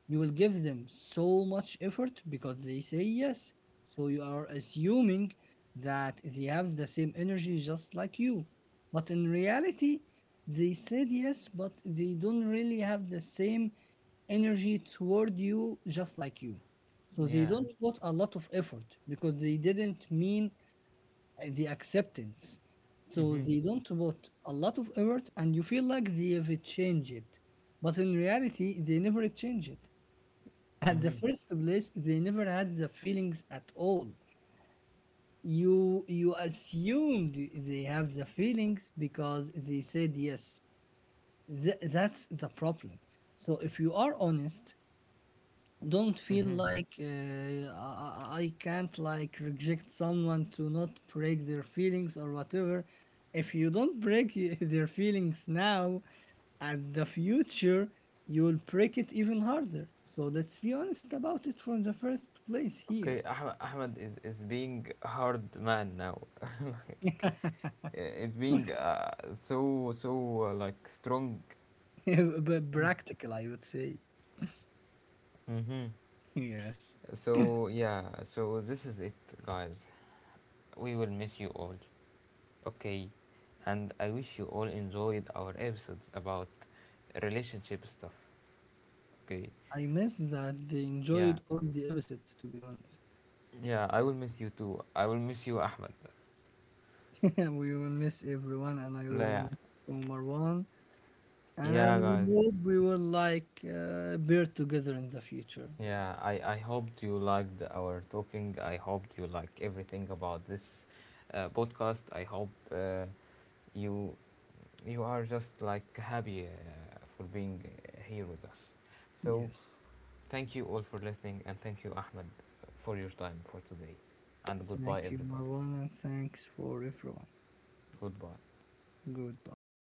[SPEAKER 2] You will give them so much effort because they say yes. So you are assuming that they have the same energy just like you. But in reality, they said yes, but they don't really have the same energy toward you just like you. So they
[SPEAKER 1] Yeah.
[SPEAKER 2] don't put a lot of effort because they didn't mean the acceptance. So
[SPEAKER 1] Mm-hmm.
[SPEAKER 2] they don't put a lot of effort, and you feel like they've changed it. But in reality, they never change it. At the
[SPEAKER 1] Mm-hmm.
[SPEAKER 2] first place, they never had the feelings at all. You assumed they have the feelings because they said yes. That's the problem. So if you are honest, don't feel
[SPEAKER 1] Mm-hmm.
[SPEAKER 2] like I can't like reject someone to not break their feelings or whatever. If you don't break their feelings now, at the future you will break it even harder. So let's be honest about it from the first place here.
[SPEAKER 1] Okay, Ahmed. Ahmed is being hard man now, like, it's being so like strong.
[SPEAKER 2] But practical, I would say.
[SPEAKER 1] Mm-hmm.
[SPEAKER 2] Yes.
[SPEAKER 1] So yeah, so this is it, guys. We will miss you all. Okay, and I wish you all enjoyed our episodes about relationship stuff. Okay,
[SPEAKER 2] I miss that they
[SPEAKER 1] yeah,
[SPEAKER 2] enjoyed all the episodes, to be honest.
[SPEAKER 1] yeah. I will miss you too. I will miss you, Ahmed.
[SPEAKER 2] We will miss everyone, and I will
[SPEAKER 1] Yeah,
[SPEAKER 2] miss Omar One.
[SPEAKER 1] yeah,
[SPEAKER 2] And we
[SPEAKER 1] guys.
[SPEAKER 2] hope we will like beer together in the future.
[SPEAKER 1] Yeah, I hoped you liked our talking. I hoped you like everything about this podcast. I hope you you are just like happy for being here with us. So,
[SPEAKER 2] Yes.
[SPEAKER 1] thank you all for listening, and thank you, Ahmed, for your time for today. And goodbye,
[SPEAKER 2] Thank you,
[SPEAKER 1] everybody.
[SPEAKER 2] Marwan, and thanks for everyone.
[SPEAKER 1] Goodbye.
[SPEAKER 2] Goodbye.